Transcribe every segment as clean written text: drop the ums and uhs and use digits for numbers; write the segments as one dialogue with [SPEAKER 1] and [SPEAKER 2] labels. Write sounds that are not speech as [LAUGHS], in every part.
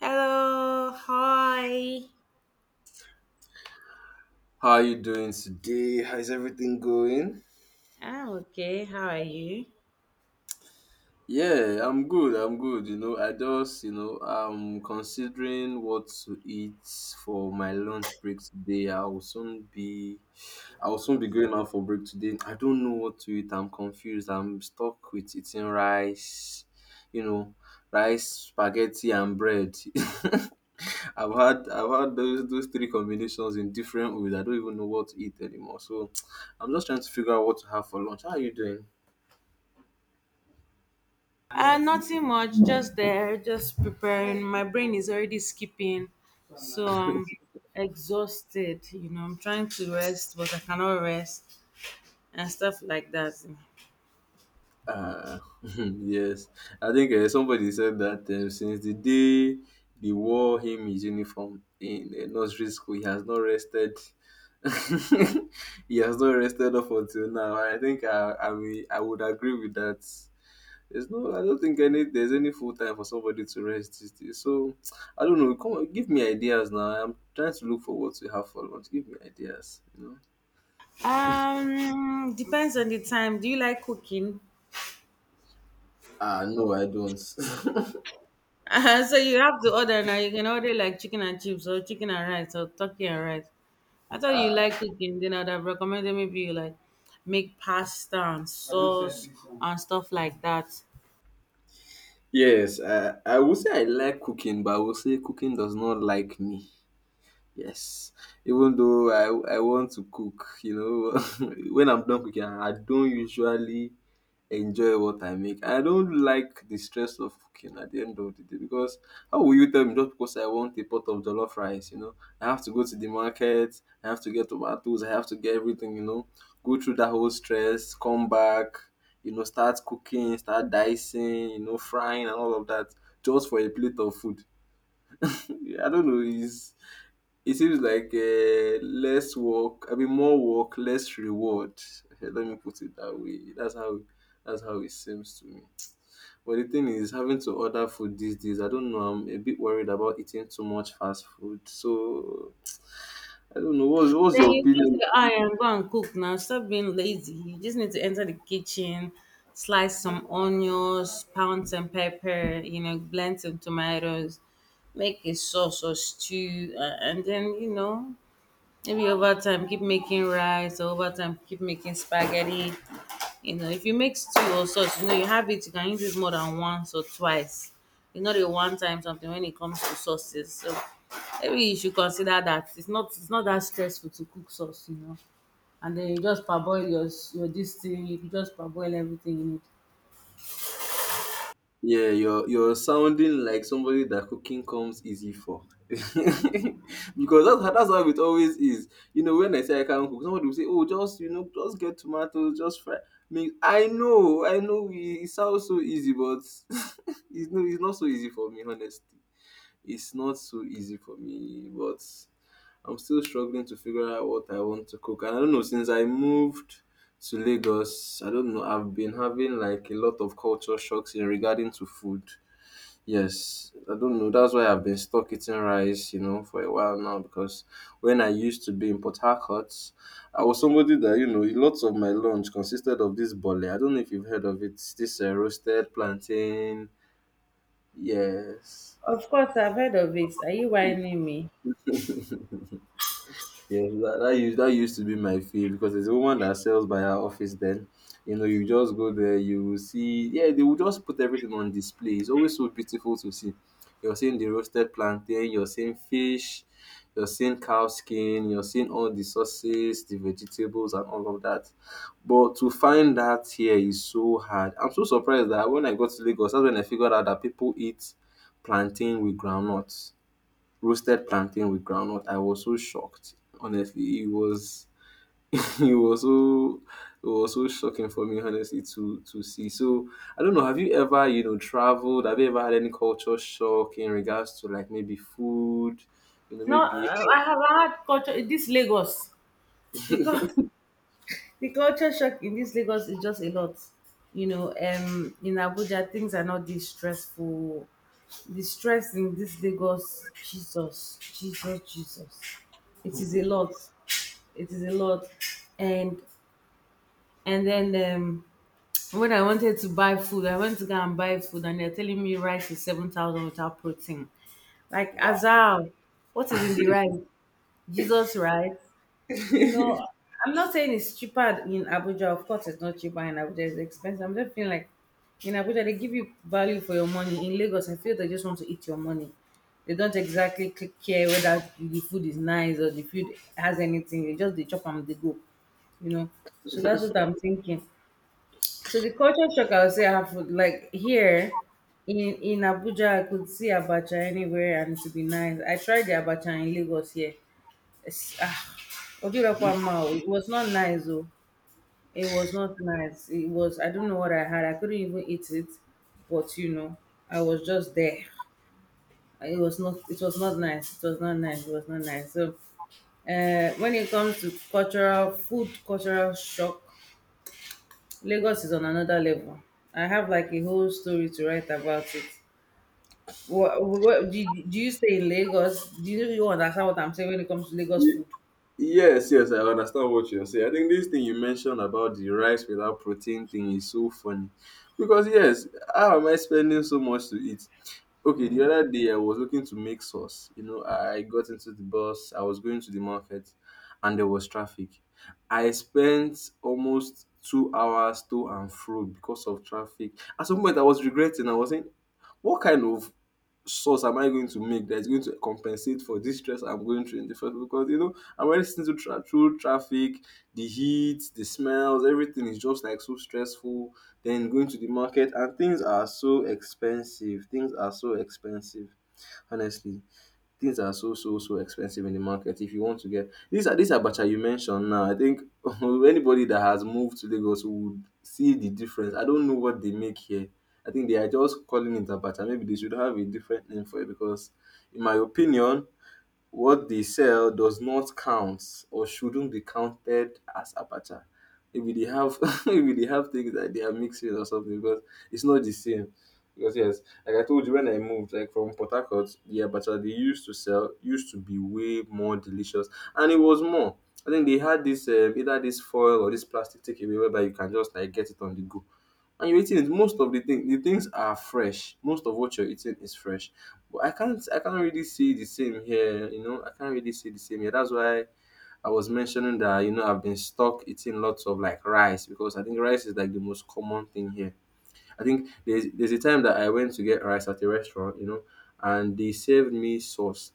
[SPEAKER 1] Hello, hi.
[SPEAKER 2] How are you doing today? How's everything going?
[SPEAKER 1] I'm okay. How are you?
[SPEAKER 2] Yeah, I'm good. I'm good. You know, I just, I'm considering what to eat for my lunch break today. I will soon be going out for break today. I don't know what to eat. I'm confused. I'm stuck with eating rice, you know, rice, spaghetti, and bread. [LAUGHS] I've had those three combinations in different ways. I don't even know what to eat anymore. So [TSK] I'm just trying to figure out what to have for lunch. How are you doing?
[SPEAKER 1] Nothing much, just there, just preparing. My brain is already skipping, so I'm exhausted. You know, I'm trying to rest, but I cannot rest and stuff like that.
[SPEAKER 2] [LAUGHS] Yes. I think somebody said that since the day they wore him his uniform in nursery school, he has not rested. [LAUGHS] He has not rested up until now. I think I would agree with that. There's no, I don't think any there's any full time for somebody to rest these days. So I don't know. Come on, give me ideas now. I'm trying to look for what to have for lunch. Give me ideas. You know.
[SPEAKER 1] Depends on the time. Do you like cooking? [LAUGHS]
[SPEAKER 2] Ah, no, I don't.
[SPEAKER 1] So you have to order now. You can order like chicken and chips, or chicken and rice, or turkey and rice. I thought you like cooking, then I'd have recommended maybe you like make pasta and sauce and stuff like that.
[SPEAKER 2] [LAUGHS] Yes, I would say I like cooking, but I will say cooking does not like me. Yes, even though I want to cook, you know, [LAUGHS] when I'm done cooking, I don't usually enjoy what I make. I don't like the stress of cooking at the end of the day because how will you tell me just because I want a pot of jollof rice, you know? I have to go to the market, I have to get tomatoes, I have to get everything, you know, go through that whole stress, come back, you know, start cooking, start dicing, you know, frying and all of that just for a plate of food. [LAUGHS] I don't know, is It seems like less work, I mean more work, less reward. [LAUGHS] Let me put it that way. That's how it seems to me. But the thing is, having to order food these days, I don't know. I'm a bit worried about eating too much fast food. So I don't know. What's
[SPEAKER 1] Then
[SPEAKER 2] your
[SPEAKER 1] you close
[SPEAKER 2] opinion?
[SPEAKER 1] your eye and go and cook now. Stop being lazy. You just need to enter the kitchen, slice some onions, pound some pepper, you know, blend some tomatoes, make a sauce or stew, and then, you know, maybe over time keep making rice or over time keep making spaghetti. You know, if you make stew or sauce, you know, you have it, you can use it more than once or twice. It's not a one time something when it comes to sauces. So maybe you should consider that. It's not that stressful to cook sauce, you know. And then you just parboil your your this thing, you just parboil everything in it.
[SPEAKER 2] Yeah, you're sounding like somebody that cooking comes easy for. [LAUGHS] Because that's how it always is. You know, when I say I can't cook, somebody will say, "Oh, just you know, just get tomatoes, just fry." Me, I know, it sounds so easy, but [LAUGHS] it's not so easy for me, honestly. It's not so easy for me, but I'm still struggling to figure out what I want to cook. And I don't know, since I moved to Lagos, I don't know, I've been having like a lot of culture shocks in regarding to food. Yes, I don't know. That's why I've been stuck eating rice, you know, for a while now. Because when I used to be in Port Harcourt, I was somebody that you know, lots of my lunch consisted of this bole. I don't know if you've heard of it. It's this roasted plantain. Yes.
[SPEAKER 1] Of course, I've heard of it. Are you whining me?
[SPEAKER 2] [LAUGHS] Yeah, that used that used to be my fear because there's a woman that sells by her office. Then, you know, you just go there, you will see. Yeah, they will just put everything on display. It's always so beautiful to see. You're seeing the roasted plantain, you're seeing fish, you're seeing cow skin, you're seeing all the sauces, the vegetables, and all of that. But to find that here is so hard. I'm so surprised that when I got to Lagos, that's when I figured out that people eat plantain with groundnuts roasted plantain with groundnut. I was so shocked. Honestly, it was [LAUGHS] it was so it was so shocking for me, honestly, to see. So I don't know, have you ever, you know, traveled? Have you ever had any culture shock in regards to like maybe food? You know,
[SPEAKER 1] No,
[SPEAKER 2] maybe [LAUGHS]
[SPEAKER 1] I have had culture in this Lagos. The, cul- [LAUGHS] the culture shock in this Lagos is just a lot. You know, in Abuja, things are not this stressful. The stress in this Lagos, Jesus, Jesus, Jesus. It is a lot. It is a lot. And and then when I wanted to buy food, I went to go and buy food and they're telling me rice is 7,000 without protein. Like
[SPEAKER 2] wow.
[SPEAKER 1] Azal, what is in the rice? Jesus rice. You know,
[SPEAKER 2] [LAUGHS]
[SPEAKER 1] I'm not saying it's cheaper in Abuja. Of course, it's not cheaper in Abuja. It's expensive. I'm just feeling like in Abuja they give you value for your money. In Lagos, I feel they just want to eat your money. They don't exactly care whether the food is nice or the food has anything. They chop and they go. You know, so that's what I'm thinking. So the culture shock I would say I have would, like here in Abuja I could see abacha anywhere and it to be nice. I tried the abacha in Lagos here. It's, ah, Ojurakwa it was not nice though. It was not nice. It was, I don't know what I had. I couldn't even eat it. But you know, I was just there. It was not nice. It was not nice. It was not nice. So, when it comes to cultural food, cultural shock, Lagos is on another level. I have like a whole story to write about it. Do you stay in Lagos? You understand what I'm saying when it comes to Lagos food?
[SPEAKER 2] Yes, yes, I understand what you're saying. I think this thing you mentioned about the rice without protein thing is so funny. Because, yes, how am I spending so much to eat? Okay, the other day I was looking to make sauce. You know, I got into the bus, I was going to the market, and there was traffic. I spent almost 2 hours to and fro because of traffic. At some point, I was regretting. I was saying, what kind of source am I going to make that is going to compensate for this stress I'm going through in the first place? Because you know I'm already sitting through, through traffic, the heat, the smells, everything is just like so stressful. Then going to the market and things are so expensive. Things are so expensive, honestly. Things are so expensive in the market. If you want to get these abacha you mentioned now, I think [LAUGHS] anybody that has moved to Lagos would see the difference. I don't know what they make here. I think they are just calling it abacha. Maybe they should have a different name for it because, in my opinion, what they sell does not count or shouldn't be counted as abacha. Maybe they have [LAUGHS] maybe they have things that they are mixing or something because it's not the same. Because yes, like I told you when I moved, like from Port Harcourt, the abacha they used to sell used to be way more delicious, and it was more. I think they had this either this foil or this plastic takeaway whereby you can just like get it on the go, and you're eating it. Most of the thing The things are fresh. Most of what you're eating is fresh, but I can't really see the same here. You know, I can't really see the same here. That's why I was mentioning that you know I've been stuck eating lots of like rice, because I think rice is like the most common thing here. I think there's a time that I went to get rice at a restaurant, you know, and they served me sauce.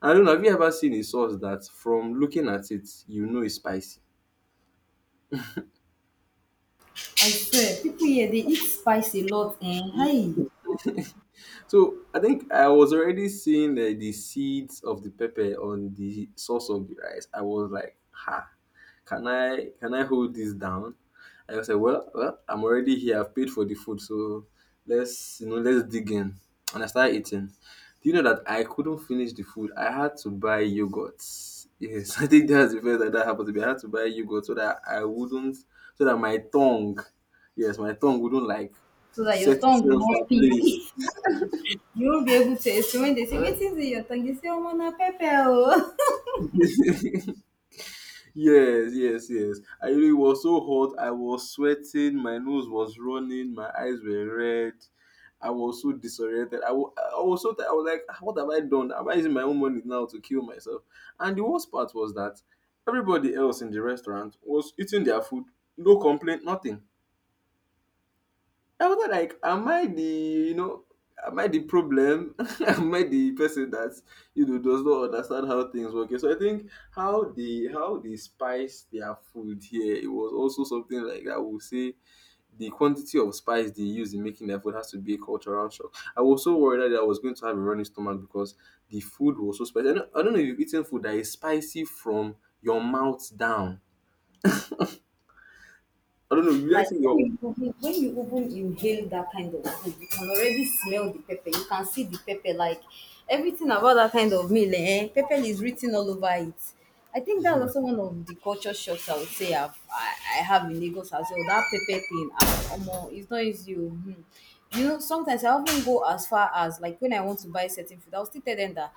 [SPEAKER 2] I don't know, have you ever seen a sauce that from looking at it you know is spicy?
[SPEAKER 1] I swear, people here dey eat spice a lot hi!
[SPEAKER 2] So I think I was already seeing the seeds of the pepper on the sauce of the rice. I was like, ha, can I hold this down? I was like, well, I'm already here. I've paid for the food, so let's you know let's dig in. And I started eating. Do you know that I couldn't finish the food? I had to buy yogurt. Yes, [LAUGHS] I think that's the first that happened to me. I had to buy yogurt so that I wouldn't, so that yes, my tongue wouldn't like
[SPEAKER 1] So that your
[SPEAKER 2] set
[SPEAKER 1] tongue will
[SPEAKER 2] itself at
[SPEAKER 1] not peel. [LAUGHS] You won't be able to explain when they say, wetin dey your tongue? You say, omo na pepper o. [LAUGHS]
[SPEAKER 2] place. [LAUGHS] Yes, yes, yes. I it was so hot. I was sweating. My nose was running. My eyes were red. I was so disoriented. I wa- I was so ti- I was like, "Ah, what have I done? Am I using my own money now to kill myself? And the worst part was that everybody else in the restaurant was eating their food. No complaint, nothing. I was not like, am I the, you know, am I the problem? [LAUGHS] Am I the person that you know does not understand how things work? So I think how they spice their food here, it was also something like that. We'll say the quantity of spice they use in making their food has to be a cultural shock. I was so worried that I was going to have a running stomach because the food was so spicy. I don't know if you've eaten food that is spicy from your mouth down. I don't know. You guys
[SPEAKER 1] Like
[SPEAKER 2] see your
[SPEAKER 1] when you open inhale that kind of food, you can already smell the pepper. You can see the pepper. Like everything about that kind of meal, eh? Pepper is written all over it. I think that's also one of the culture shocks I would say I have in Lagos as well. That pepper thing, ah, omo, it's not easy. Oh, hmm. You know, sometimes I often go as far as like when I want to buy certain food,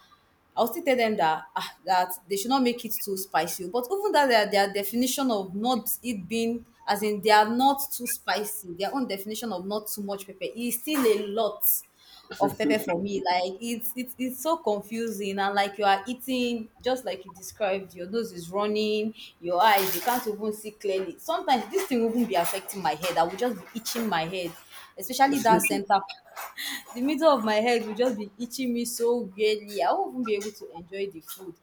[SPEAKER 1] I'll still tell them that ah, that they should not make it too spicy. But even that their definition of not it being as in they are not too spicy, their own definition of not too much pepper is still a lot of pepper for me. Like it's it's so confusing and like you are eating just like you described, your nose is running, your eyes, you can't even see clearly. Sometimes this thing will even be affecting my head. I will just be itching my head, especially that center part the middle of my head will just be itching me so weirdly. I won't even be able to enjoy the food.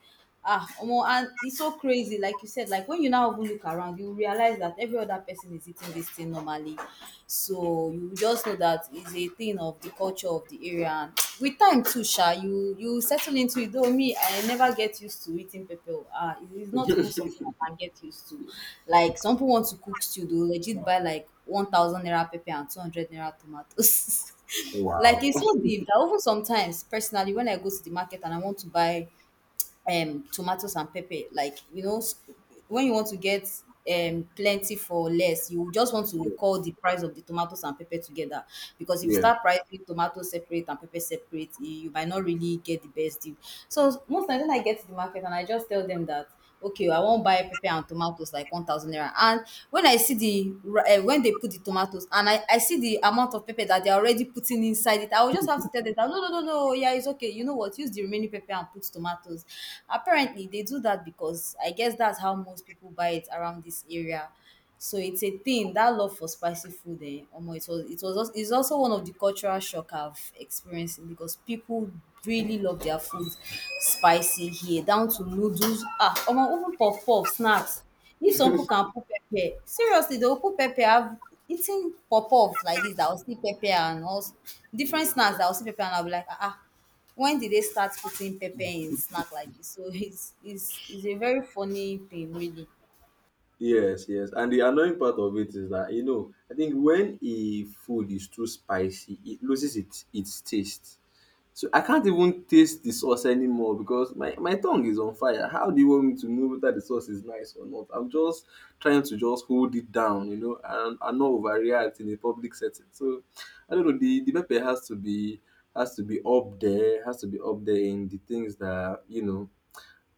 [SPEAKER 1] Ah, omo, and it's so crazy. Like you said, like when you now even look around, you realize that every other person is eating this thing normally. So you just know that it's a thing of the culture of the area. And with time too, Sha, you settle into it. Though me, I never get used to eating pepper. Ah, it is not even something
[SPEAKER 2] [LAUGHS]
[SPEAKER 1] I can get used to. Like some people want to cook stew, they will legit buy like 1,000 naira pepper and 200 naira tomatoes. [LAUGHS] Like
[SPEAKER 2] wow.
[SPEAKER 1] it's so deep that even sometimes personally when I go to the market and I want to buy tomatoes and pepper, like you know when you want to get plenty for less, you just want to call the price of the tomatoes and pepper together because if you
[SPEAKER 2] Yeah.
[SPEAKER 1] start pricing tomatoes separate and pepper separate, you might not really get the best deal. So most times when I get to the market and I just tell them that okay oh, I won't buy pepper and tomatoes like 1,000 naira and when I see the when they put the tomatoes and I see the amount of pepper that they're already putting inside it, I will just have to tell them that no no no no, yeah it's okay, you know what, use the remaining pepper and put tomatoes. Apparently they do that because I guess that's how most people buy it around this area. So it's a thing that love for spicy food. Eh, omo, it's also one of the cultural shock I've experienced because people really love their food spicy here, down to noodles. Ah, omo, even puff puff snacks. If some people can put pepper, seriously, they will put pepper. I've eaten puff puff like this that will see pepper and also different snacks that will see pepper, and I'll be like, ah. Ah, when did they start putting pepper in snack like this? So it's it's a very funny thing, really.
[SPEAKER 2] Yes, yes. And the annoying part of it is that, you know, I think when a food is too spicy, it loses its taste. So I can't even taste the sauce anymore because my tongue is on fire. How do you want me to know whether the sauce is nice or not? I'm just trying to just hold it down, you know, and not overreact in a public setting. So I don't know, the pepper has to be up there, has to be up there in the things that, you know,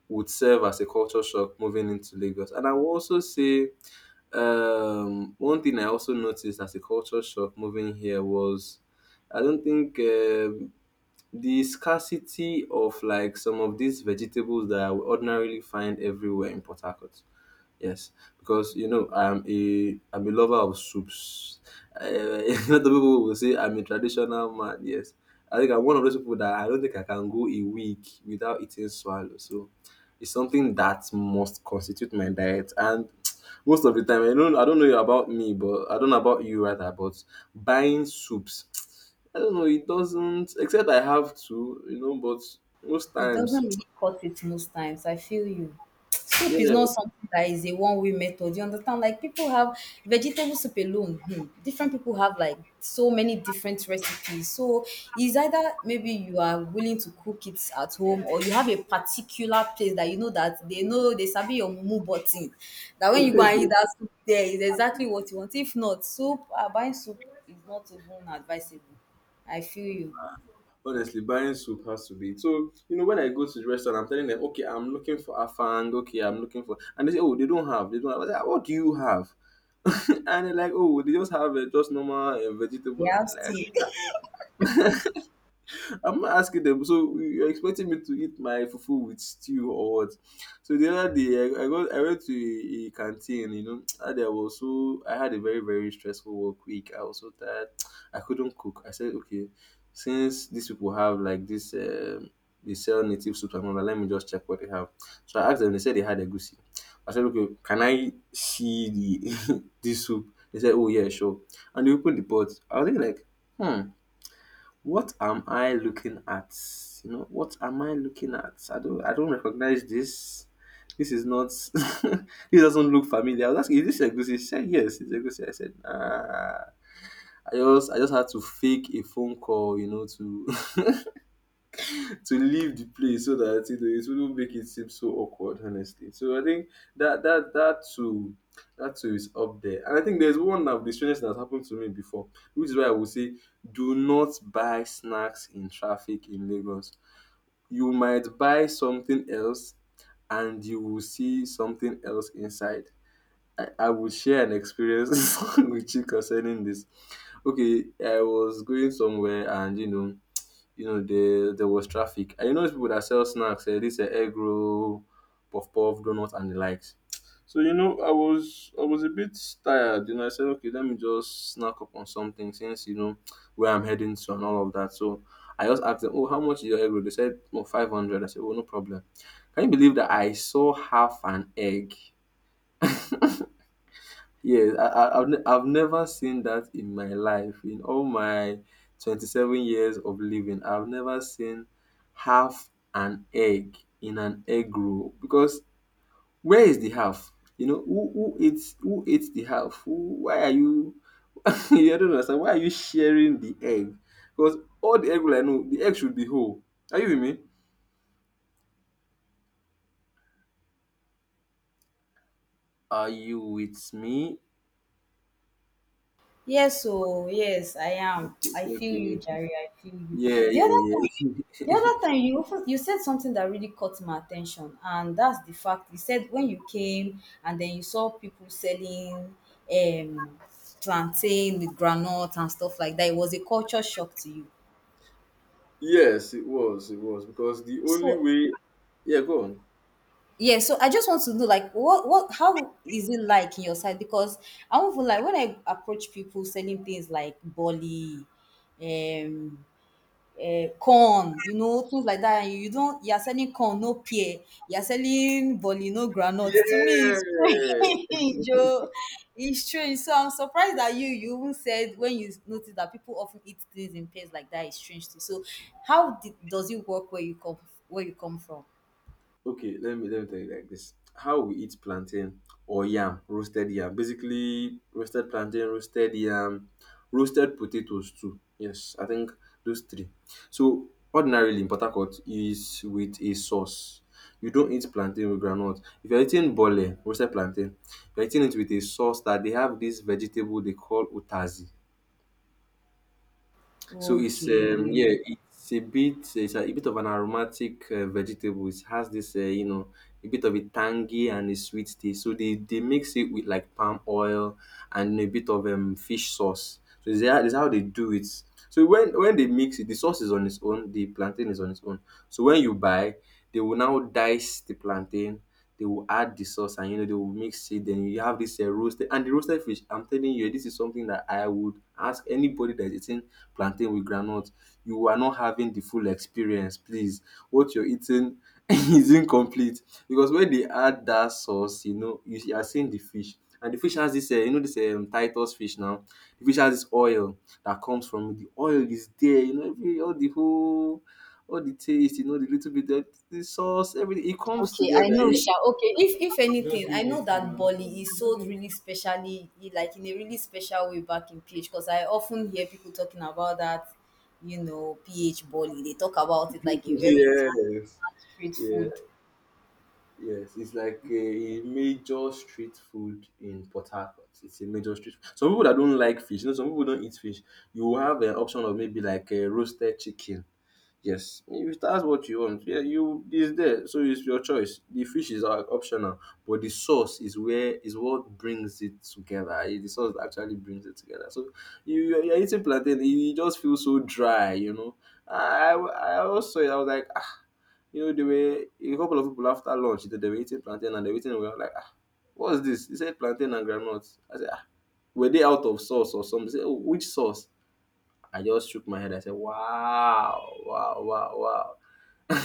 [SPEAKER 2] would serve as a culture shock moving into Lagos. And I will also say one thing I also noticed as a culture shock moving here was I don't think the scarcity of like some of these vegetables that I would ordinarily find everywhere in Port Harcourt. Yes, because you know I'm a lover of soups. [LAUGHS] A lot of people will say I'm a traditional man. Yes, I think I'm one of those people that I don't think I can go a week without eating swallow. So it's something that must constitute my diet. And [TSK] most of the time, I don't know about me, but I don't know about you rather. But buying soups, [TSK] I don't know. It doesn't, except I have to, But most
[SPEAKER 1] It doesn't
[SPEAKER 2] times,
[SPEAKER 1] really cut it most times. I feel you.
[SPEAKER 2] [TSK]
[SPEAKER 1] Soup is
[SPEAKER 2] yeah,
[SPEAKER 1] not something that is a one way method. You understand? Like people have vegetable soup alone. Hmm. Different people have like so many different recipes. So it's either maybe you are willing to cook it at home or you have a particular place that you know that they know they sabi your mumu button. That when you go and eat that soup there is exactly what you want. If not, soup, ah, buying soup is not even advisable. I feel you.
[SPEAKER 2] honestly, buying soup has to be. So, you know, when I go to the restaurant, I'm telling them, okay, I'm looking for afang, okay, I'm looking for. And they say, oh, they don't have. They don't have. I say, "Ah, what do you have? [LAUGHS] And they're like, oh, they just have just normal
[SPEAKER 1] They
[SPEAKER 2] vegetable. And
[SPEAKER 1] have
[SPEAKER 2] they're
[SPEAKER 1] still.
[SPEAKER 2] like, I'm not asking them. So you're expecting me to eat my fufu with stew or what? So the other day, I got I went to a canteen. You know, [TSK] and there was, so I had a very very stressful work week. I was so tired. [TSK] I couldn't cook. I said, okay, since these people have like this, they sell native soup and all that. Let me just check what they have. So I asked them. They said they had egusi. I said, okay, can I see the [LAUGHS] this soup? They said, oh yeah, sure. And they opened the pot. I was thinking like, hmm. What am I looking at? You know, what am I looking at? I don't recognize this. This is not [LAUGHS] this doesn't look familiar. I was asking, is this Egusi? She said yes, it's Egusi. I said, ah, I just had to fake a phone call, you know, to leave the place so that you know it wouldn't make it seem so awkward, honestly. So I think that that too is up there. And I think there's one of the strangest that happened to me before, which is why I would say do not buy snacks in traffic in Lagos. You might buy something else and you will see something else inside. I will share an experience [LAUGHS] with you concerning this. Okay, I was going somewhere and you know, there was traffic. And you know, those people that sell snacks, this egg roll, puff puff, donuts, and the likes. So you know, I was a bit tired. You know, I said, okay, let me just snack up on something since you know where I'm heading to and all of that. So I just asked them, oh, how much is your egg roll? They said, oh, 500. I said, oh, no problem. Can you believe that I saw half an egg? Yes, I I've never seen that in my life. In all my 27 years of living, I've never seen half an egg in an egg roll because where is the half? You know, who eats the half? Who, why are you [LAUGHS] I don't understand. Why are you sharing the egg? Because all the egg roll I know, the egg should be whole. Are you with me? Are you with me?
[SPEAKER 1] Yes oh, yes, I am. [TSK] I feel
[SPEAKER 2] Okay,
[SPEAKER 1] you,
[SPEAKER 2] okay.
[SPEAKER 1] Jerry. I feel you.
[SPEAKER 2] Yeah,
[SPEAKER 1] The
[SPEAKER 2] yeah,
[SPEAKER 1] other time,
[SPEAKER 2] yeah. [LAUGHS]
[SPEAKER 1] the other time you also- you said something that really caught my attention, and that's the fact. You said when you came and then you saw people selling um plantain with groundnut and stuff like that. It was a culture shock to you.
[SPEAKER 2] Yes, it was because the only
[SPEAKER 1] So
[SPEAKER 2] way. Yeah, go on.
[SPEAKER 1] yeah, so I just want to know like what how is it like in your side? Because I won't even like when I approach people selling things like bolly, um corn, you know, things like that. And you don't, you're selling corn, no pear. You're selling bolly, no granite. To me, it's
[SPEAKER 2] Yes.
[SPEAKER 1] strange. [LAUGHS] Oh. It's strange. So I'm surprised that you even said when you noticed that people often eat things in pairs like that, it's strange too. So how did, does it work where you come from?
[SPEAKER 2] Okay, let me tell you like this. How we eat plantain or yam, roasted yam. Basically, roasted plantain, roasted yam, roasted potatoes too. Yes, I think those three. So ordinarily in Port Harcourt is with a sauce. You don't eat plantain with groundnut. If you're eating bole, roasted plantain, you're eating it with a sauce that they have this vegetable they call utazi. So it's
[SPEAKER 1] Okay.
[SPEAKER 2] yeah, it's a bit it's a bit of an aromatic vegetable. It has this you know a bit of a tangy and a sweet taste. So they mix it with like palm oil and a bit of fish sauce. So is that is how they do it. So when they mix it, the sauce is on its own, the plantain is on its own. So when you buy, they will now dice the plantain, they will add the sauce and you know they will mix it, then you have this roasted and the roasted fish. I'm telling you, this is something that I would ask anybody that is eating plantain with groundnut, you are not having the full experience, please. What you're eating [LAUGHS] is incomplete, because when they add that sauce, you know, you are seeing the fish, and the fish has this you know this titus fish. Now the fish has this oil that comes from it. The oil is there, you know, every all the whole, all the taste, you know, the little bit of the sauce, everything, it comes
[SPEAKER 1] Okay, I
[SPEAKER 2] together.
[SPEAKER 1] know, Sha. Okay, if anything, I know that Bolly is sold really specially, like in a really special way back in PH, because I often hear people talking about that, you know, PH Bolly. They talk about it like a very thick
[SPEAKER 2] Yes,
[SPEAKER 1] street
[SPEAKER 2] yeah,
[SPEAKER 1] food.
[SPEAKER 2] yes. It's like a major street food in Port Harcourt. It's a major street. Some people that don't like fish, you know, some people don't eat fish. You will have an option of maybe like a roasted chicken. Yes, if that's what you want, yeah, you is there. So it's your choice. The fish is optional, but the sauce is, where is what brings it together. It's the sauce that actually brings it together. So you're eating plantain, you just feel so dry, you know. I also saw it. I was like, ah, you know, they were a couple of people after lunch, they were eating plantain and they were eating. We were like, ah, what's this? He said plantain and groundnuts. I said, ah, were they out of sauce or something? He said, oh, which sauce? I just shook my head. I said, wow, wow, wow, wow.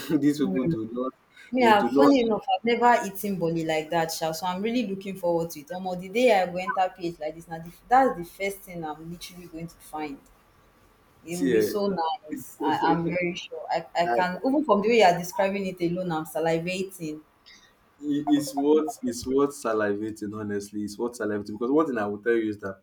[SPEAKER 2] [LAUGHS] These people do not, they
[SPEAKER 1] Yeah,
[SPEAKER 2] do not
[SPEAKER 1] funny enough, I've never eaten Bolly like that, Sha. So I'm really looking forward to it. Almost the day I go enter PH like this, now the, that's the first thing I'm literally going to find. It will be
[SPEAKER 2] tear.
[SPEAKER 1] so nice. I'm very sure.
[SPEAKER 2] [LAUGHS]
[SPEAKER 1] I can
[SPEAKER 2] Like,
[SPEAKER 1] even from the way you are describing it alone, I'm salivating.
[SPEAKER 2] it's what salivating, honestly, it's what salivating because one thing I will tell you is that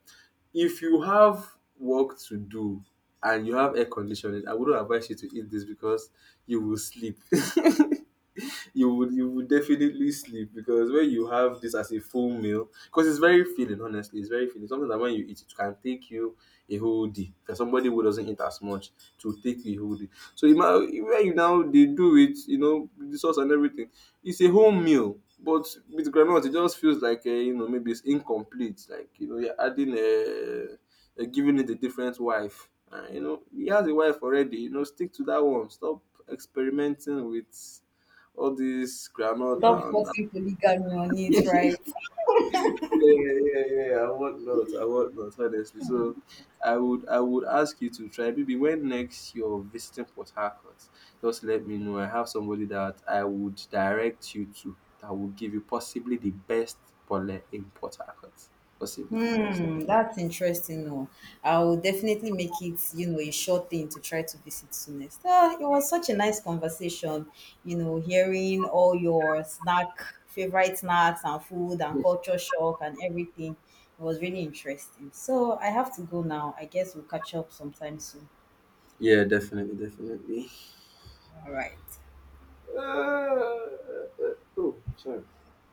[SPEAKER 2] if you have work to do and you have air conditioning, I wouldn't advise you to eat this because you will sleep. [LAUGHS] [LAUGHS] You would definitely sleep because when you have this as a full meal, because it's very filling. Honestly, it's very filling. Something that when you eat, it can take you a whole day. For somebody who doesn't eat as much, to take you a whole day. So you now when you now they do it, you know, with the sauce and everything. It's a whole meal. But with granite, it just feels like you know maybe it's incomplete. Like you know you're adding a, giving it a different wife. You know he has a wife already. You know, stick to that one. Stop experimenting with all this granite
[SPEAKER 1] Stop
[SPEAKER 2] and
[SPEAKER 1] forcing polygamy on
[SPEAKER 2] [LAUGHS] yeah,
[SPEAKER 1] it, right?
[SPEAKER 2] yeah, yeah, yeah, I want not, honestly. So I would ask you to try maybe when next you're visiting Port Harcourt, just let me know. I have somebody that I would direct you to that will give you possibly the best pole in Port Harcourt. Possibly the best.
[SPEAKER 1] Hmm, that's interesting. No, I will definitely make it, you know, a short thing to try to visit soonest. Ah, it was such a nice conversation, you know, hearing all your snack, favorite snacks and food and culture shock and everything. It was really interesting. So I have to go now. I guess we'll catch up sometime soon.
[SPEAKER 2] Yeah, definitely, definitely.
[SPEAKER 1] All right.
[SPEAKER 2] Uh, uh, oh, sorry.